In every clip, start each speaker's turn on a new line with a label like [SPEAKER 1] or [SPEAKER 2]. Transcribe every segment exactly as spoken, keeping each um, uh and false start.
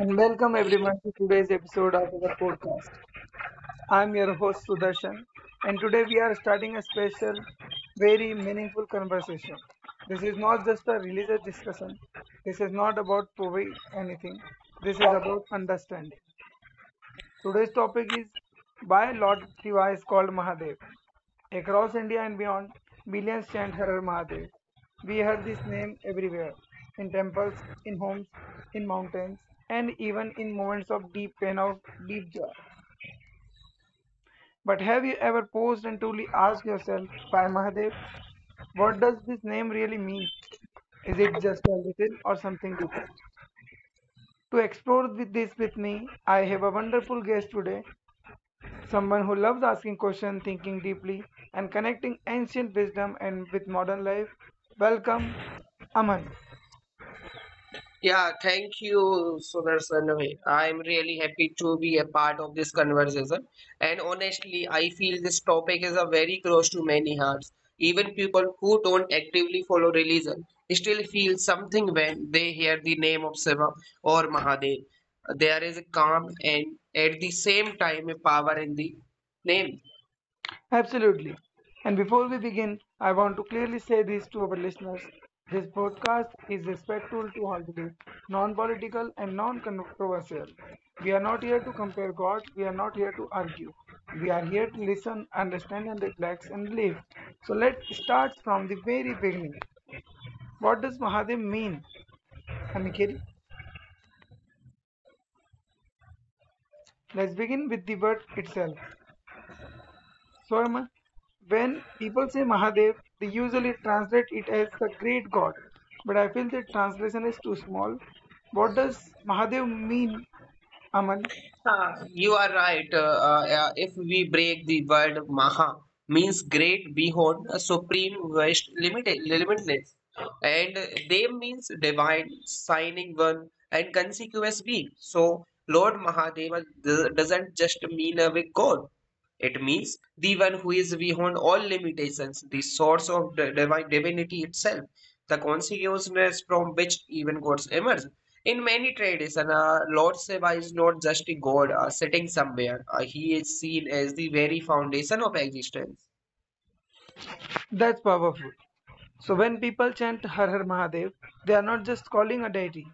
[SPEAKER 1] And welcome everyone to today's episode of our podcast. I'm your host Sudarshan and today we are starting a special, very meaningful conversation. This is not just a religious discussion, this is not about proving anything, this is about understanding. Today's topic is by Lord Shiva is called Mahadev. Across India and beyond, millions chant Har Har Mahadev. We hear this name everywhere in temples, in homes, in mountains, and even in moments of deep pain or deep joy. But have you ever paused and truly asked yourself, why Mahadev? What does this name really mean? Is it just a little or something deeper? To explore with this with me, I have a wonderful guest today. Someone who loves asking questions, thinking deeply, and connecting ancient wisdom and with modern life. Welcome, Aman.
[SPEAKER 2] Yeah, thank you, Sudarshan. I'm really happy to be a part of this conversation. And honestly, I feel this topic is a very close to many hearts. Even people who don't actively follow religion still feel something when they hear the name of Shiva or Mahadev. There is a calm and at the same time a power in the name.
[SPEAKER 1] Absolutely. And before we begin, I want to clearly say this to our listeners. This podcast is respectful to all beliefs, non-political and non-controversial. We are not here to compare gods. We are not here to argue. We are here to listen, understand, and reflect and live. So let's start from the very beginning. What does Mahadev mean? Aniket? Let's begin with the word itself. Swarma. When people say Mahadev, they usually translate it as the great God. But I feel the translation is too small. What does Mahadev mean, Aman?
[SPEAKER 2] Uh, you are right. Uh, uh, yeah, if we break the word Maha means great, beyond, supreme, vast, limited, limitless, and they means divine, shining one, and conspicuous being. So Lord Mahadeva do- doesn't just mean a big god. It means the one who is beyond all limitations, the source of divine divinity itself, the consciousness from which even gods emerge. In many traditions, uh, Lord Shiva is not just a god uh, sitting somewhere. Uh, he is seen as the very foundation of existence.
[SPEAKER 1] That's powerful. So when people chant Har Har Mahadev, they are not just calling a deity.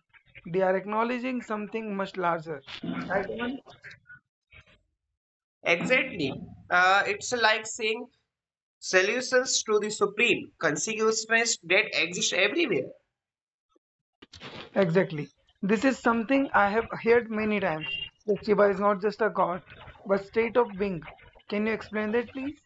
[SPEAKER 1] They are acknowledging something much larger. Right, Aman?
[SPEAKER 2] Exactly. Uh, it's like saying solutions to the supreme consciousness that exists everywhere.
[SPEAKER 1] Exactly. This is something I have heard many times that Shiva is not just a god, but state of being. Can you explain that, please?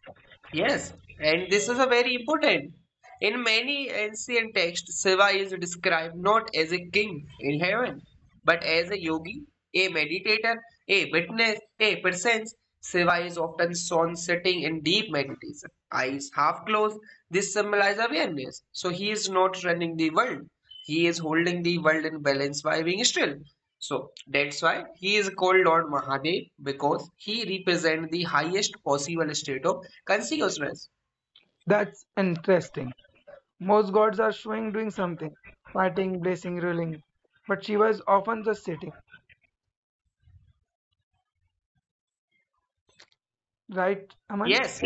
[SPEAKER 2] Yes, and this is a very important. In many ancient texts, Shiva is described not as a king in heaven, but as a yogi, a meditator, a witness, a presence. Shiva is often shown sitting in deep meditation, eyes half closed. This symbolizes awareness. So he is not running the world, he is holding the world in balance by being still. So that's why he is called Lord Mahadev because he represents the highest possible state of consciousness.
[SPEAKER 1] That's interesting. Most gods are showing doing something, fighting, blessing, ruling, but Shiva is often just sitting. Right, Aman?
[SPEAKER 2] Yes,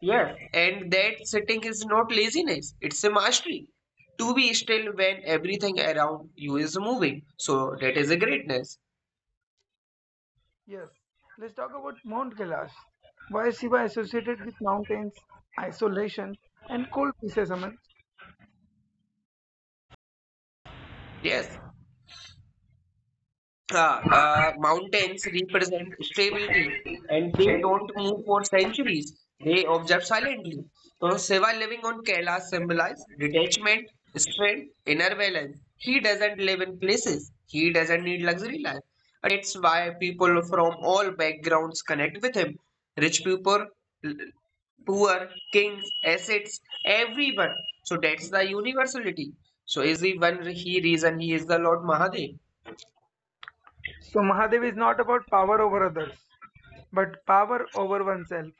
[SPEAKER 2] yes, and that sitting is not laziness, it's a mastery. To be still when everything around you is moving. So that is a greatness.
[SPEAKER 1] Yes. Let's talk about Mount Kailash. Why is Shiva associated with mountains, isolation, and cold pieces, Aman?
[SPEAKER 2] Yes. Uh, uh, mountains represent stability and they don't move for centuries. They observe silently. So Shiva living on Kailash symbolizes detachment, strength, inner balance. He doesn't live in places. He doesn't need luxury life. Uh, That's why people from all backgrounds connect with him. Rich people, l- poor, kings, assets, everyone. So that's the universality. So is the one he reason he is the Lord Mahadev.
[SPEAKER 1] So Mahadev is not about power over others, but power over oneself.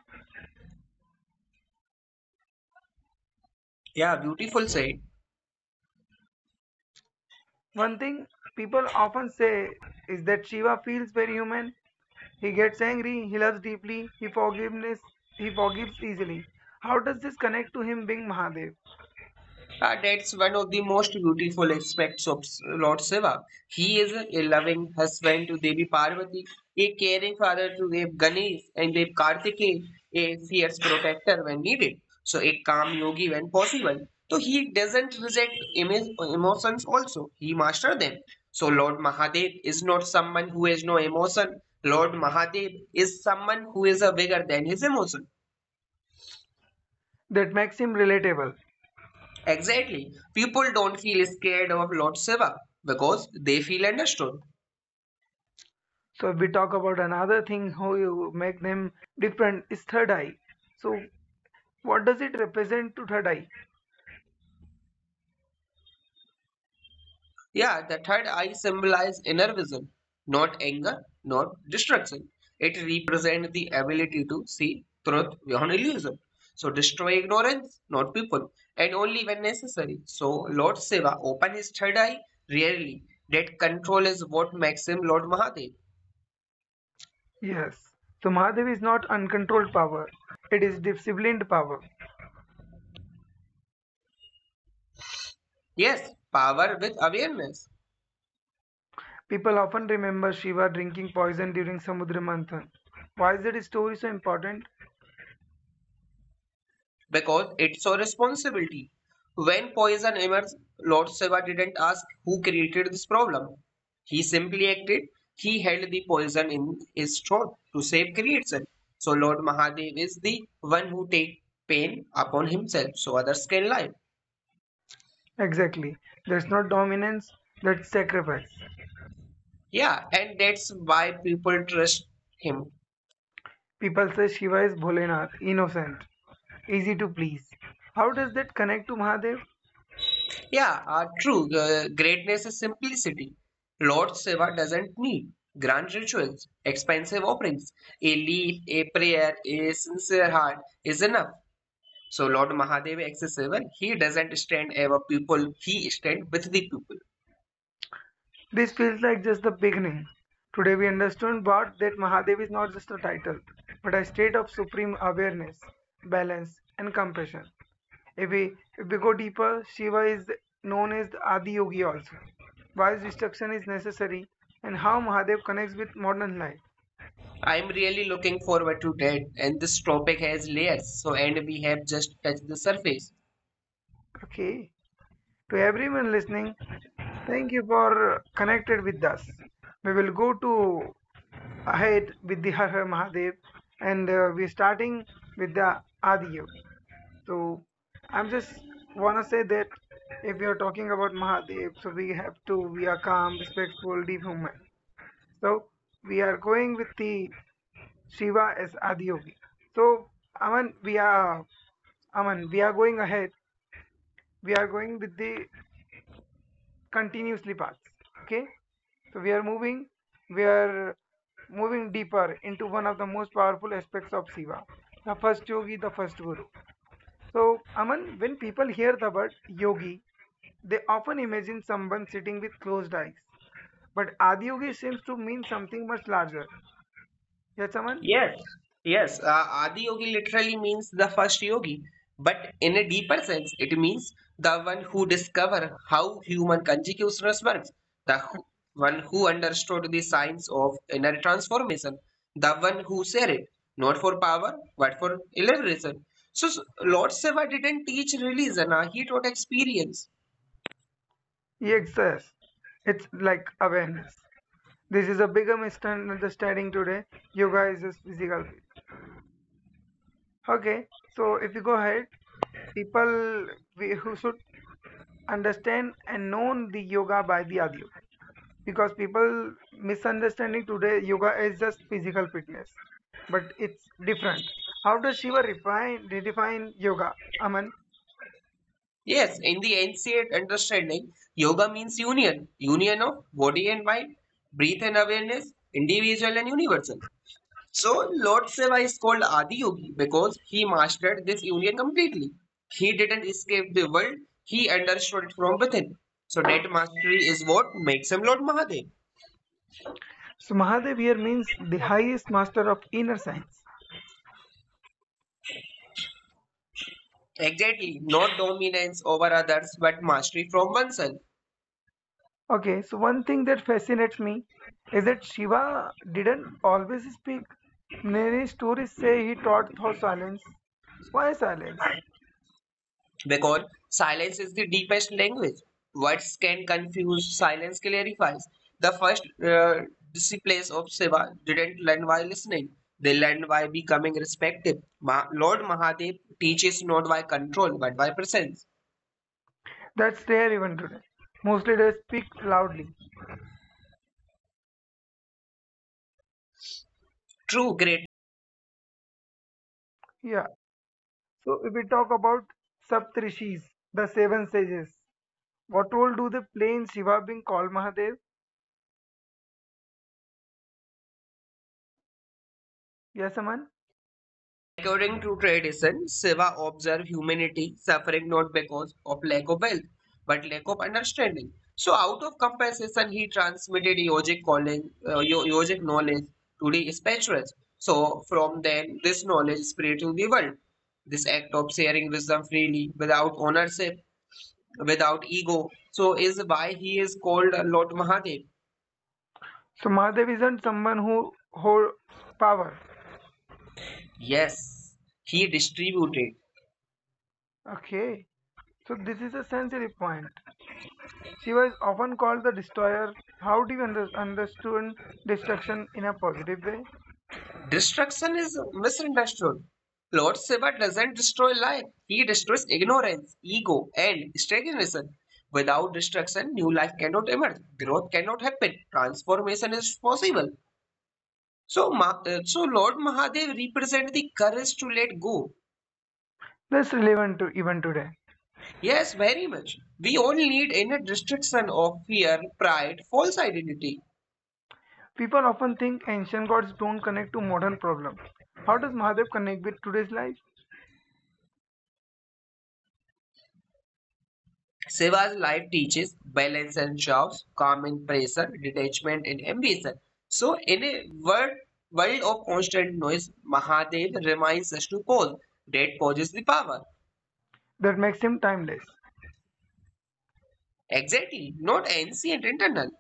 [SPEAKER 2] Yeah, beautiful said.
[SPEAKER 1] One thing people often say is that Shiva feels very human. He gets angry, he loves deeply, he forgiveness, he forgives easily. How does this connect to him being Mahadev?
[SPEAKER 2] Uh, that's one of the most beautiful aspects of S- Lord Shiva. He is a loving husband to Devi Parvati, a caring father to Dev Ganesh and Dev Kartikeya, a fierce protector when needed. So a calm yogi when possible. So he doesn't reject emo- emotions also. He masters them. So Lord Mahadev is not someone who has no emotion. Lord Mahadev is someone who is a bigger than his emotion.
[SPEAKER 1] That makes him relatable.
[SPEAKER 2] Exactly. People don't feel scared of Lord Shiva because they feel understood.
[SPEAKER 1] So if we talk about another thing, how you make them different is third eye. So what does it represent to third eye?
[SPEAKER 2] Yeah, the third eye symbolizes inner vision, not anger, not destruction. It represents the ability to see truth beyond illusion. So destroy ignorance, not people, and only when necessary. So Lord Shiva open his third eye rarely. That control is what makes him Lord Mahadev.
[SPEAKER 1] Yes. So Mahadev is not uncontrolled power. It is disciplined power.
[SPEAKER 2] Yes, power with awareness.
[SPEAKER 1] People often remember Shiva drinking poison during Samudra Manthan. Why is that story so important?
[SPEAKER 2] Because it's our responsibility. When poison emerged, Lord Shiva didn't ask who created this problem. He simply acted. He held the poison in his throat to save creation. So Lord Mahadev is the one who takes pain upon himself so others can live.
[SPEAKER 1] Exactly. That's not dominance, that's sacrifice.
[SPEAKER 2] Yeah, and that's why people trust him.
[SPEAKER 1] People say Shiva is Bholenath, innocent, easy to please. How does that connect to Mahadev?
[SPEAKER 2] Yeah, uh, true. The greatness is simplicity. Lord Shiva doesn't need grand rituals, expensive offerings. A leaf, a prayer, a sincere heart is enough. So Lord Mahadeva accessible. He doesn't stand above people. He stand with the people.
[SPEAKER 1] This feels like just the beginning. Today we understood but that Mahadev is not just a title, but a state of supreme awareness, balance, and compassion. If we, if we go deeper, Shiva is known as the Adi Yogi also. Why his destruction is necessary and how Mahadev connects with modern life.
[SPEAKER 2] I'm really looking forward to that. And this topic has layers. So and we have just touched the surface.
[SPEAKER 1] Okay. To everyone listening, thank you for connected with us. We will go to ahead with the Har Har Mahadev and uh, we're starting with the Adi Yogi. So I'm just wanna say that if we are talking about Mahadev, so we have to we are calm, respectful, deep human. So we are going with the Shiva as Adi Yogi. So Aman, we are Aman, we are going ahead. We are going with the continuously paths. Okay. So we are moving, we are moving deeper into one of the most powerful aspects of Shiva, the first yogi, the first guru. So Aman, when people hear the word yogi, they often imagine someone sitting with closed eyes. But Adiyogi seems to mean something much larger. Yes, Aman?
[SPEAKER 2] Yes, yes. Uh, Adi Yogi literally means the first yogi, but in a deeper sense, it means the one who discovered how human consciousness works, the who- one who understood the science of inner transformation, the one who shared it, not for power, but for liberation. So, s- Lord Shiva didn't teach religion, uh, he taught experience.
[SPEAKER 1] Yes, yes. It's like awareness. This is a bigger misunderstanding today. Yoga is just physical fitness. Okay, so if you go ahead, people we, who should understand and known the yoga by the other because people misunderstanding today yoga is just physical fitness but it's different. How does Shiva refine redefine yoga, Aman?
[SPEAKER 2] Yes, in the ancient understanding, yoga means union, union of body and mind, breath and awareness, individual and universal. So Lord Shiva is called Adi Yogi because he mastered this union completely. He didn't escape the world, he understood it from within. So that mastery is what makes him Lord Mahadev.
[SPEAKER 1] So Mahadev here means the highest master of inner science.
[SPEAKER 2] Exactly, not dominance over others but mastery from oneself.
[SPEAKER 1] Okay, so one thing that fascinates me is that Shiva didn't always speak. Many stories say he taught through silence. Why silence?
[SPEAKER 2] Because silence is the deepest language. Words can confuse, silence clarifies. The first uh, disciples of Shiva didn't learn by listening, they learned by becoming respected. Ma- Lord Mahadev teaches not by control but by presence.
[SPEAKER 1] That's rare even today, mostly they speak loudly.
[SPEAKER 2] True great.
[SPEAKER 1] Yeah. So if we talk about Saptrishis, the seven sages, what role do they play in Shiva being called Mahadev? Yes, Aman.
[SPEAKER 2] According to tradition, Shiva observed humanity suffering not because of lack of wealth, but lack of understanding. So, out of compensation, he transmitted yogic calling, uh, yo- yogic knowledge to the spirituals. So, from then, this knowledge spread to the world. This act of sharing wisdom freely, without ownership, without ego, so is why he is called Lord Mahadev.
[SPEAKER 1] So Mahadev isn't someone who holds power.
[SPEAKER 2] Yes, he distributed.
[SPEAKER 1] Okay. So this is a sensory point. Shiva is often called the destroyer. How do you under- understand destruction in a positive way?
[SPEAKER 2] Destruction is misunderstood. Lord Shiva doesn't destroy life, he destroys ignorance, ego, and stagnation. Without destruction, new life cannot emerge, growth cannot happen, transformation is possible. So, uh, so Lord Mahadev represents the courage to let go.
[SPEAKER 1] That's relevant to even today.
[SPEAKER 2] Yes, very much. We all need inner destruction of fear, pride, false identity.
[SPEAKER 1] People often think ancient gods don't connect to modern problems. How does Mahadev connect with today's life?
[SPEAKER 2] Shiva's life teaches balance and jobs, calm in pressure, detachment in ambition. So, in a world, world of constant noise, Mahadev reminds us to pause. That poses the power.
[SPEAKER 1] That makes him timeless.
[SPEAKER 2] Exactly, not ancient internal.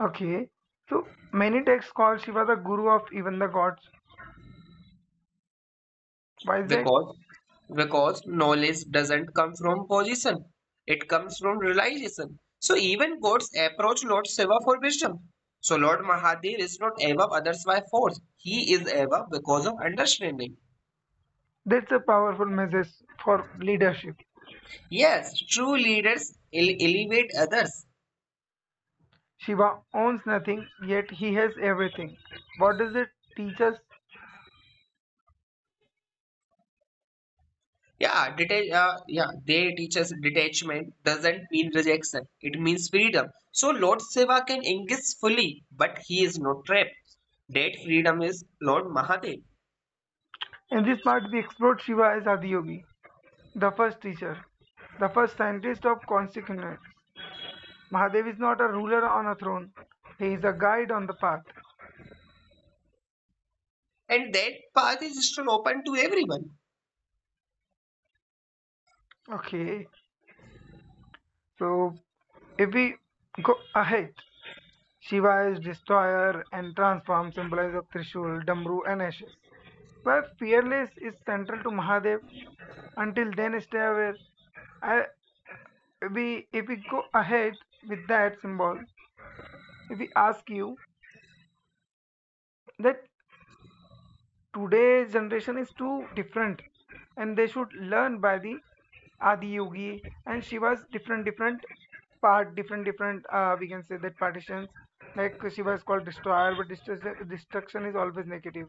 [SPEAKER 1] Okay. So many texts call Shiva the guru of even the gods. Why is that?
[SPEAKER 2] Because, because knowledge doesn't come from position, it comes from realization. So, even God's approach Lord Shiva for wisdom. So, Lord Mahadev is not above others by force, he is above because of understanding.
[SPEAKER 1] That's a powerful message for leadership.
[SPEAKER 2] Yes, true leaders ele- elevate others.
[SPEAKER 1] Shiva owns nothing, yet he has everything. What does it teach us?
[SPEAKER 2] Yeah, detach. Uh, yeah, they teach us detachment doesn't mean rejection. It means freedom. So Lord Shiva can engage fully, but he is not trapped. That freedom is Lord Mahadev,
[SPEAKER 1] In this part, we explored Shiva as Adiyogi, the first teacher, the first scientist of consequence. Mahadev is not a ruler on a throne, he is a guide on the path.
[SPEAKER 2] and that path is still open to everyone.
[SPEAKER 1] Okay, so if we go ahead, Shiva is destroyer and transform, symbolized of Trishul, Damru, and ashes. Where fearless is central to Mahadev. Until then, stay aware. I, we, if we go ahead with that symbol, if we ask you that today generation is too different and they should learn by the Adiyogi and Shiva's different different part different different uh, we can say that partitions like Shiva is called destroyer but destruction, destruction is always negative.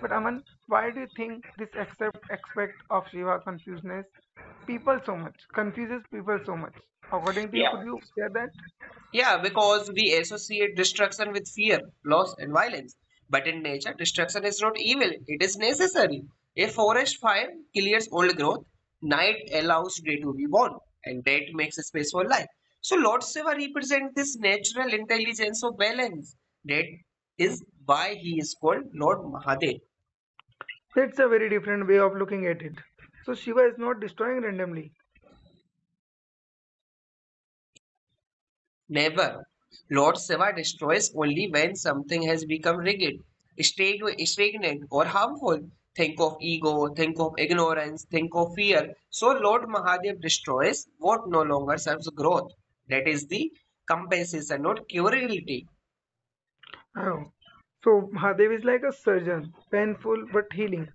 [SPEAKER 1] But Aman, why do you think this accept aspect of Shiva confuses people so much confuses people so much according to you? Could
[SPEAKER 2] Yeah.
[SPEAKER 1] you share that?
[SPEAKER 2] Yeah, because we associate destruction with fear, loss, and violence. But in nature, destruction is not evil, it is necessary. A forest fire clears old growth, night allows day to be born, and that makes a space for life. So, Lord Shiva represents this natural intelligence of balance. That is why he is called Lord Mahadev.
[SPEAKER 1] That's a very different way of looking at it. So Shiva is not destroying randomly.
[SPEAKER 2] Never. Lord Shiva destroys only when something has become rigid, stag- stagnant, or harmful. Think of ego, think of ignorance, think of fear. So Lord Mahadev destroys what no longer serves growth. That is the compensation, not curability.
[SPEAKER 1] Oh, so Mahadev is like a surgeon, painful but healing.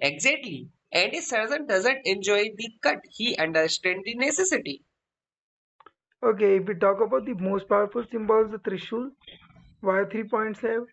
[SPEAKER 2] Exactly. And a surgeon doesn't enjoy the cut, he understands the necessity.
[SPEAKER 1] Okay, if we talk about the most powerful symbols, the Trishul, why three points have?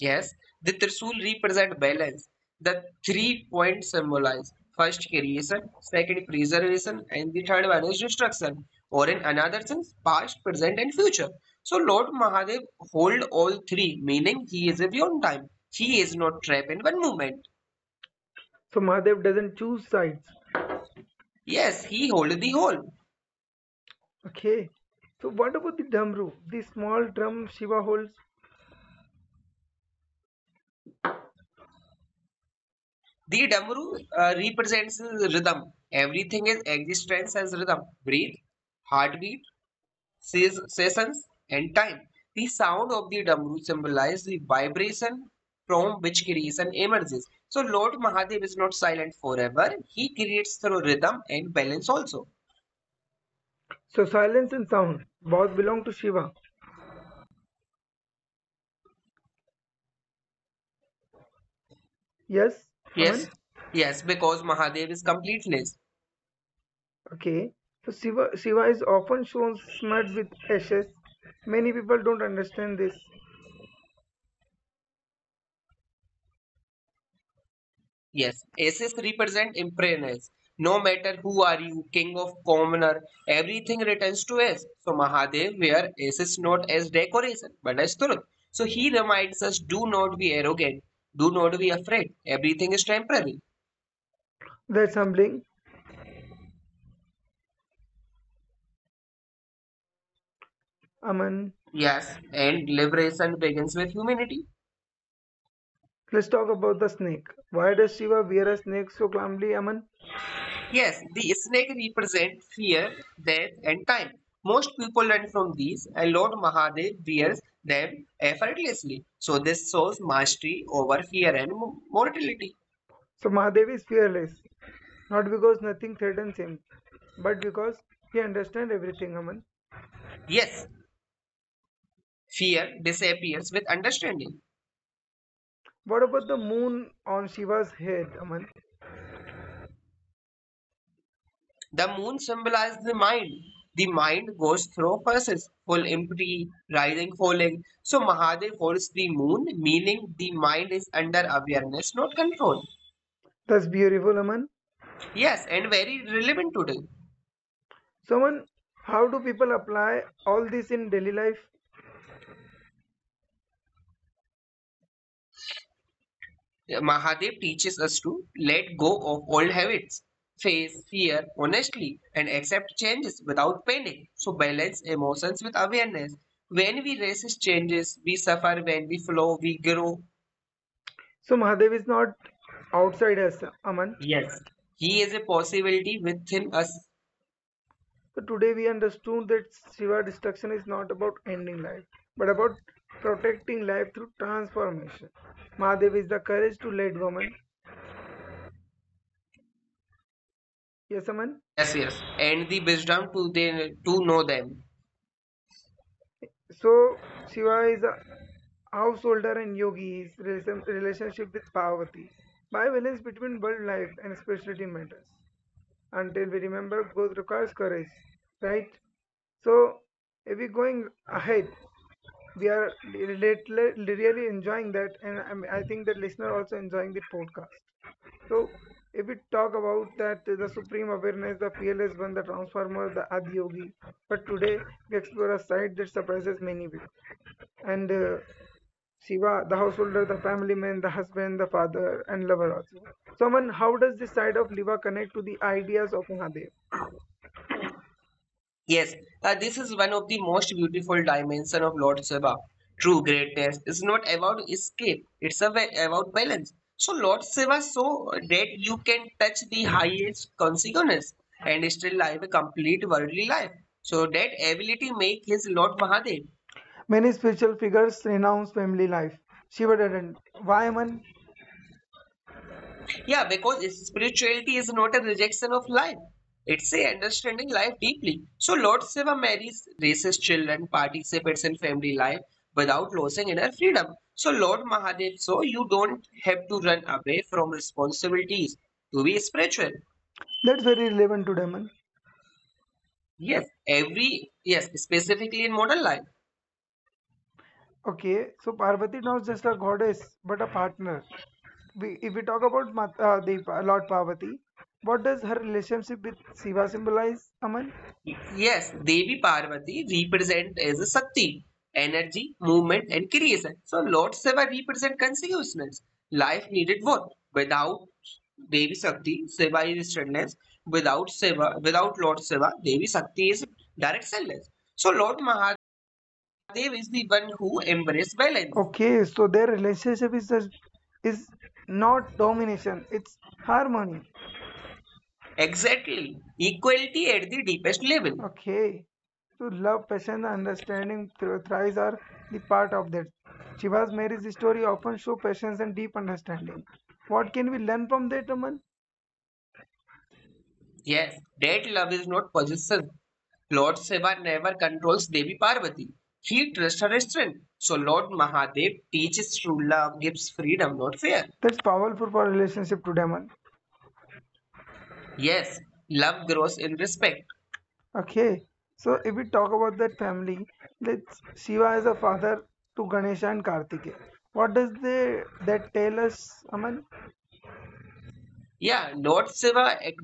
[SPEAKER 2] Yes, the Trisul represent balance. The three points symbolize first creation, second preservation, and the third one is destruction, or in another sense, past, present, and future. So Lord Mahadev hold all three, meaning he is beyond time. He is not trapped in one moment.
[SPEAKER 1] So Mahadev doesn't choose sides.
[SPEAKER 2] Yes, he hold the whole.
[SPEAKER 1] Okay, so what about the Damru, the small drum Shiva holds?
[SPEAKER 2] The Damru uh, represents rhythm. Everything is existence as rhythm. Breathe, heartbeat, Ses sessions and time. The sound of the damru symbolizes the vibration from which creation emerges. So Lord Mahadev is not silent forever. He creates through rhythm and balance also.
[SPEAKER 1] So silence and sound both belong to Shiva. Yes,
[SPEAKER 2] Yes,
[SPEAKER 1] Aman?
[SPEAKER 2] yes, because Mahadev is completeness.
[SPEAKER 1] Okay, so Shiva, Shiva is often shown smeared with ashes. Many people don't understand this.
[SPEAKER 2] Yes, aces represent impermanence. No matter who are you, king of commoner, everything returns to ace. So Mahadev wear aces not as decoration, but as truth. So he reminds us, do not be arrogant, do not be afraid. Everything is temporary.
[SPEAKER 1] That's humbling, Aman.
[SPEAKER 2] Yes, and liberation begins with humanity.
[SPEAKER 1] Let's talk about the snake. Why does Shiva wear a snake so calmly, Aman?
[SPEAKER 2] Yes, the snake represents fear, death, and time. Most people learn from these, and Lord Mahadev wears them effortlessly. So, this shows mastery over fear and mo- mortality.
[SPEAKER 1] So Mahadev is fearless, not because nothing threatens him, but because he understands everything, Aman.
[SPEAKER 2] Yes, fear disappears with understanding.
[SPEAKER 1] What about the moon on Shiva's head, Aman?
[SPEAKER 2] The moon symbolizes the mind. The mind goes through phases, full, empty, rising, falling. So, Mahadev holds the moon, meaning the mind is under awareness, not control.
[SPEAKER 1] That's beautiful, Aman.
[SPEAKER 2] Yes, and very relevant today.
[SPEAKER 1] So, Aman, how do people apply all this in daily life?
[SPEAKER 2] Uh, Mahadev teaches us to let go of old habits, face fear honestly, and accept changes without panic. So, balance emotions with awareness. When we resist changes, we suffer. When we flow, we grow.
[SPEAKER 1] So Mahadev is not outside us, Aman.
[SPEAKER 2] Yes, he is a possibility within us.
[SPEAKER 1] So today we understood that Shiva destruction is not about ending life, but about protecting life through transformation. Mahadev is the courage to lead woman. Yes, Aman.
[SPEAKER 2] Yes, yes, and the wisdom to, the, to know them.
[SPEAKER 1] So Shiva is a householder and yogi is relationship with Parvati. By balance between world life and spirituality matters. Until we remember, growth requires courage, right? So, if we going ahead, we are li- li- really enjoying that, and I'm- I think the listener also enjoying the podcast. So, if we talk about that, the supreme awareness, the fearless one, the transformer, the Adiyogi, but today we explore a side that surprises many people. And uh, Shiva, the householder, the family man, the husband, the father, and lover also. Someone, how does this side of Liva connect to the ideas of Mahadev?
[SPEAKER 2] Yes, uh, this is one of the most beautiful dimension of Lord Shiva. True greatness is not about escape; it's a ba- about balance. So Lord Shiva so that you can touch the highest consciousness and still live a complete worldly life. So that ability make his Lord Mahadev.
[SPEAKER 1] Many spiritual figures renounce family life. Shiva didn't. Why, man?
[SPEAKER 2] Yeah, because spirituality is not a rejection of life. It's a understanding life deeply. So Lord Shiva marries raises children, participates in family life without losing inner freedom. So Lord Mahadev, so you don't have to run away from responsibilities to be spiritual.
[SPEAKER 1] That's very relevant to them.
[SPEAKER 2] Yes, every yes, specifically in modern life.
[SPEAKER 1] Okay, so Parvati not just a goddess but a partner. We, if we talk about Mat, uh, the Pa- Lord Parvati, what does her relationship with Shiva symbolize, Aman?
[SPEAKER 2] Yes, Devi Parvati represent as a Shakti, energy, movement, and creation. So Lord Shiva represent consciousness, life needed work. Without Devi Shakti, Shiva is stillness. Without Shiva, without Lord Shiva, Devi Shakti is directionless. So Lord Mahadev is the one who embrace balance.
[SPEAKER 1] Okay, so their relationship is just, is not domination; it's harmony.
[SPEAKER 2] Exactly, equality at the deepest level.
[SPEAKER 1] Okay, so love, passion, and understanding thro- thrives are the part of that. Shiva's marriage story often show patience and deep understanding. What can we learn from that, Aman?
[SPEAKER 2] Yes, that love is not possession. Lord Shiva never controls Devi Parvati. He trusts her strength. So Lord Mahadev teaches true love gives freedom, not fear.
[SPEAKER 1] That's powerful for relationship today, Aman.
[SPEAKER 2] Yes, love grows in respect.
[SPEAKER 1] Okay, so if we talk about that family, let's Shiva is a father to Ganesha and Kartikeya. What does they that tell us, Aman?
[SPEAKER 2] Yeah, Lord Shiva ac-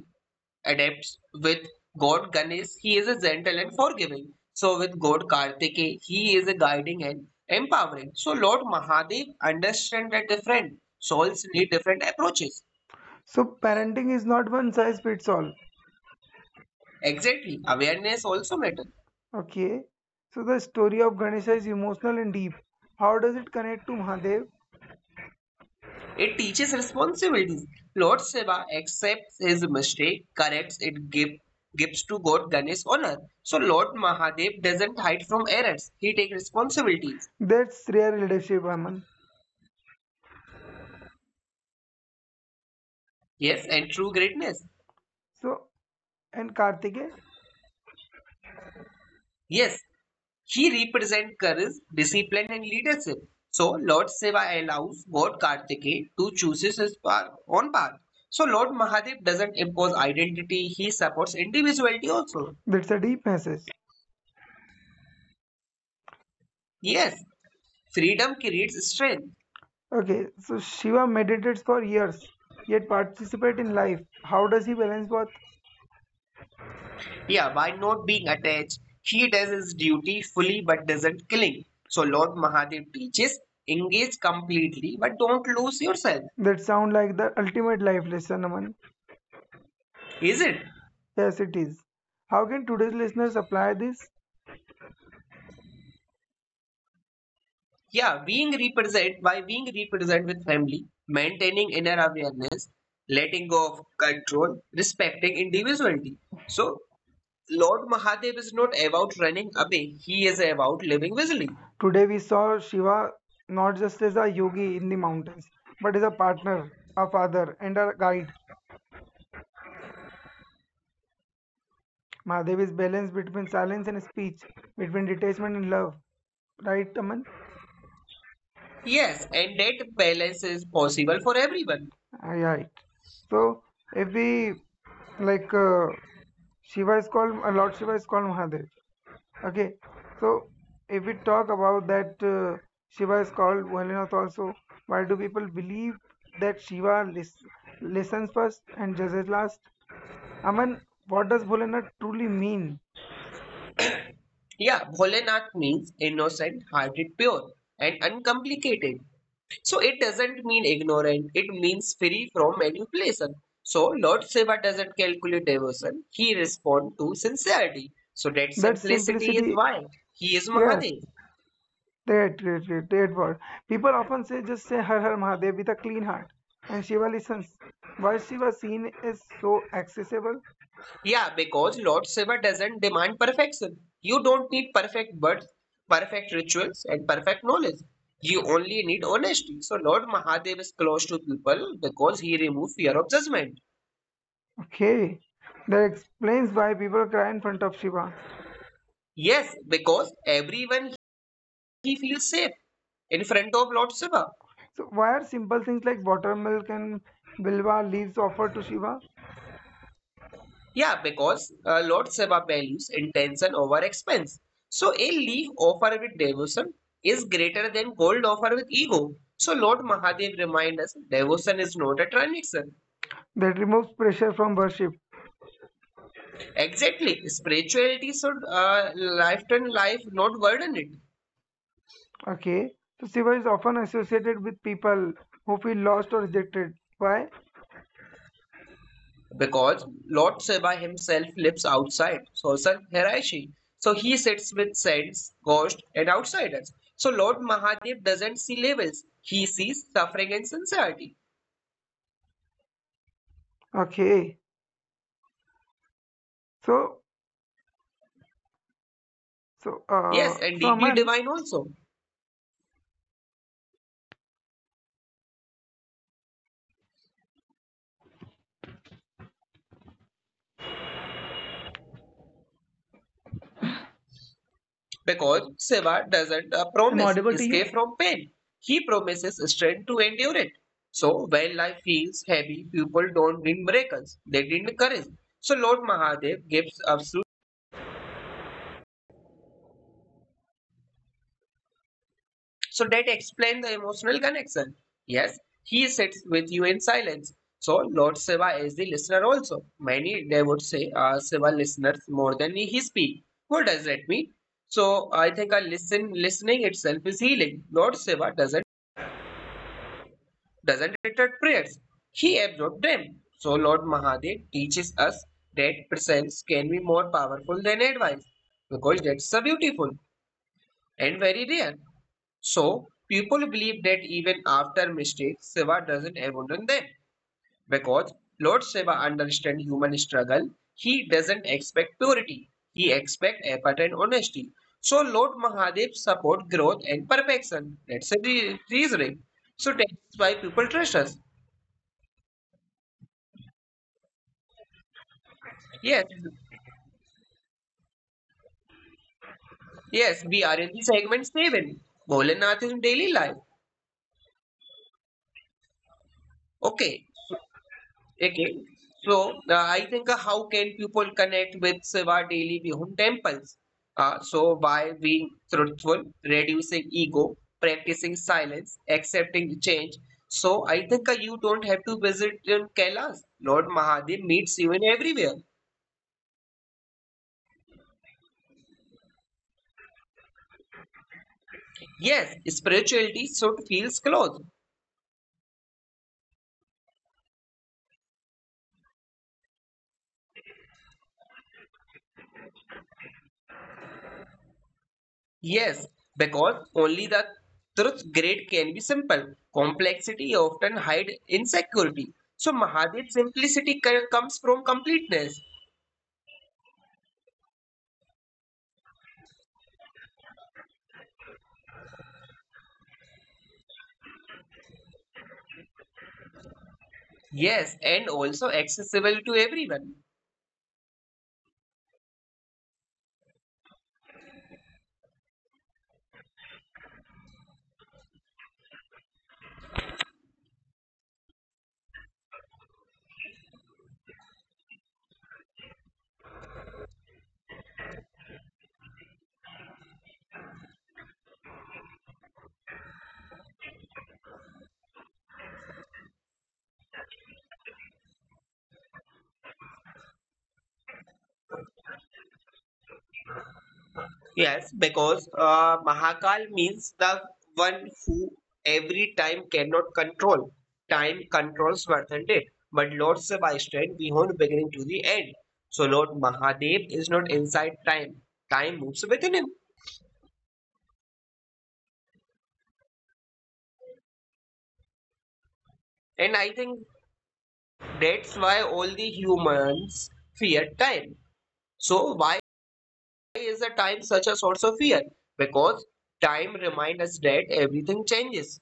[SPEAKER 2] adapts with God Ganesh. He is a gentle and forgiving. So with God Kartike, he is a guiding and empowering. So Lord Mahadev understands that different souls need different approaches.
[SPEAKER 1] So parenting is not one size fits all.
[SPEAKER 2] Exactly, awareness also matters.
[SPEAKER 1] Okay, so the story of Ganesha is emotional and deep. How does it connect to Mahadev?
[SPEAKER 2] It teaches responsibilities. Lord Shiva accepts his mistake, corrects it, give, gives to God Ganesh honor. So Lord Mahadev doesn't hide from errors. He takes responsibilities.
[SPEAKER 1] That's rare leadership, Aman.
[SPEAKER 2] Yes, and true greatness.
[SPEAKER 1] So and Kartikeya,
[SPEAKER 2] Yes, he represents courage, discipline, and leadership. So Lord Shiva allows God Kartikeya to choose his path, own path. So Lord Mahadev doesn't impose identity. He supports individuality also.
[SPEAKER 1] that's a deep message.
[SPEAKER 2] Yes, freedom creates strength.
[SPEAKER 1] Okay, so Shiva meditates for years, yet participate in life. How does he balance both?
[SPEAKER 2] Yeah, by not being attached, he does his duty fully but doesn't killing. So Lord Mahadev teaches engage completely but don't lose yourself.
[SPEAKER 1] That sound like the ultimate life lesson, Aman.
[SPEAKER 2] Is it?
[SPEAKER 1] Yes, it is. How can today's listeners apply this?
[SPEAKER 2] Yeah, being represent by being represent with family, maintaining inner awareness, letting go of control, respecting individuality. So Lord Mahadev is not about running away, he is about living wisely.
[SPEAKER 1] Today we saw Shiva not just as a yogi in the mountains, but as a partner, a father, and a guide. Mahadevi's balance between silence and speech, between detachment and love. Right, Aman?
[SPEAKER 2] Yes, and that balance is possible for everyone.
[SPEAKER 1] Ah, yeah, right. So if we like uh, Shiva is called uh, Lord Shiva is called Mahadev. Okay, so if we talk about that, uh, Shiva is called Bholenath also. Why do people believe that Shiva lis- listens first and judges last? Aman, what does Bholenath truly mean?
[SPEAKER 2] Yeah, Bholenath means innocent, hearted, pure, and uncomplicated. So it doesn't mean ignorant, it means free from manipulation. So Lord Shiva doesn't calculate devotion, he responds to sincerity. So that
[SPEAKER 1] That
[SPEAKER 2] simplicity is
[SPEAKER 1] simplicity,
[SPEAKER 2] why he is
[SPEAKER 1] yeah,
[SPEAKER 2] Mahadev.
[SPEAKER 1] that, that, that, that word. People often say just say Har Har Mahadev with a clean heart, and Shiva listens. Why Shiva scene is so accessible?
[SPEAKER 2] Yeah, because Lord Shiva doesn't demand perfection. You don't need perfect birth, perfect rituals, and perfect knowledge. You only need honesty. So Lord Mahadev is close to people because he removes fear of judgment.
[SPEAKER 1] Okay, that explains why people cry in front of Shiva.
[SPEAKER 2] Yes, because everyone he feels safe in front of Lord Shiva.
[SPEAKER 1] So why are simple things like watermilk and bilwa leaves offered to Shiva?
[SPEAKER 2] Yeah, because uh, Lord Shiva values intention over expense. So a leaf offered with devotion is greater than gold offered with ego. So Lord Mahadev reminds us devotion is not a transaction.
[SPEAKER 1] That removes pressure from worship.
[SPEAKER 2] Exactly, spirituality should uh, life life, not burden it.
[SPEAKER 1] Okay. So Shiva is often associated with people who feel lost or rejected. Why?
[SPEAKER 2] Because Lord Shiva himself lives outside social hierarchy. So he sits with saints, ghosts, and outsiders. So Lord Mahadev doesn't see levels, he sees suffering and sincerity.
[SPEAKER 1] Okay. So so uh
[SPEAKER 2] Yes, and
[SPEAKER 1] so
[SPEAKER 2] deeply
[SPEAKER 1] Aman,
[SPEAKER 2] divine also, because Shiva doesn't uh,
[SPEAKER 1] am I
[SPEAKER 2] promise
[SPEAKER 1] audible to
[SPEAKER 2] escape
[SPEAKER 1] you?
[SPEAKER 2] from pain, he promises strength to endure it. So when life feels heavy, people don't need miracles, they need courage. So Lord Mahadev gives absolute. So that explains the emotional connection. Yes, he sits with you in silence. So Lord Shiva is the listener also. Many they would say uh, Shiva listeners more than he speak. What does that mean? So I think a listen listening itself is healing. Lord Shiva doesn't doesn't return prayers. He absorbs them. So Lord Mahadev teaches us that presence can be more powerful than advice because that's so beautiful and very rare. So, people believe that even after mistakes, Shiva doesn't abandon them. Because Lord Shiva understands human struggle, he doesn't expect purity, he expects effort and honesty. So, Lord Mahadev supports growth and perfection. That's the re- reasoning. So, that's why people trust us. Yes, yes, we are in the segment seven Bholenath in daily life. Okay, okay, so uh, I think uh, how can people connect with Shiva daily Vihum temples? Uh, so by being truthful, reducing ego, practicing silence, accepting change. So I think uh, you don't have to visit in Kailas. Lord Mahadev meets you in everywhere. Yes, spirituality should feels close. Yes, because only the truth great can be simple. Complexity often hides insecurity. So Mahadev's simplicity co- comes from completeness. Yes, and also accessible to everyone. Yes, because uh, Mahakal means the one who every time cannot control. Time controls worthened it, but Lord Shiva stand behind beginning to the end. So Lord Mahadev is not inside time. Time moves within him. And I think that's why all the humans fear time. So why is the time such a source of fear? Because time reminds us that everything changes.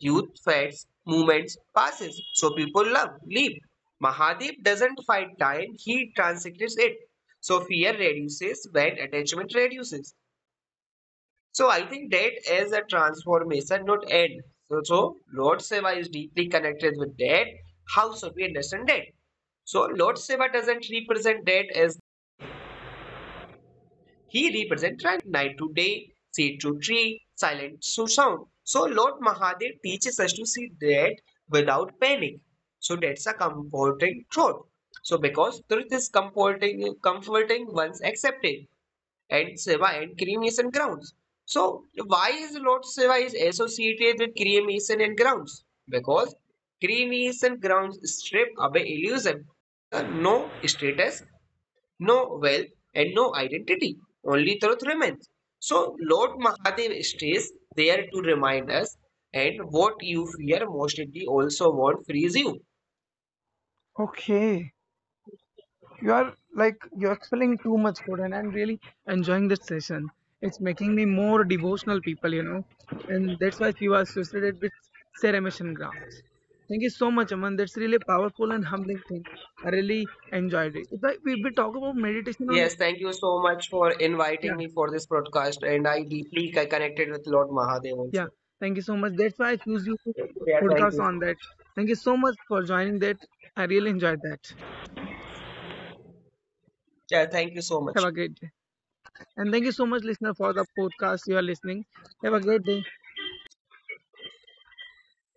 [SPEAKER 2] Youth fades, movements passes. So people love, leave. Mahadev doesn't fight time, he transects it. So fear reduces when attachment reduces. So I think that is a transformation, not end. So, so Lord Seva is deeply connected with that. How should we understand that? So Lord Seva doesn't represent that as he represents night to day, seed to tree, silent to sound. So Lord Mahadev teaches us to see that without panic. So that's a comforting truth. So because truth is comforting, comforting once accepted and Seva and cremation grounds. So why is Lord Seva is associated with cremation and grounds? Because cremation grounds strip away illusion. Uh, no status, no wealth, and no identity. Only truth remains. So Lord Mahadev stays there to remind us, and what you fear most likely also won't freeze you.
[SPEAKER 1] Okay, you are like you're expelling too much code, and I'm really enjoying this session. It's making me more devotional people, you know, and that's why she was associated with Ceremission Grounds. Thank you so much, Aman. That's really powerful and humbling thing. I really enjoyed it. If I, we, we talk about meditation on,
[SPEAKER 2] Yes, thank you so much for
[SPEAKER 1] yeah,
[SPEAKER 2] inviting me for this broadcast, and I deeply connected with Lord Mahadev
[SPEAKER 1] yeah.
[SPEAKER 2] also.
[SPEAKER 1] Thank you so much. That's why I choose you to
[SPEAKER 2] Yeah, thank
[SPEAKER 1] podcast
[SPEAKER 2] you.
[SPEAKER 1] on that. Thank you so much for joining that. I really enjoyed that.
[SPEAKER 2] Yeah, thank you so
[SPEAKER 1] Have
[SPEAKER 2] much.
[SPEAKER 1] a great day. And thank you so much, listener, for the podcast you are listening. Have a great day.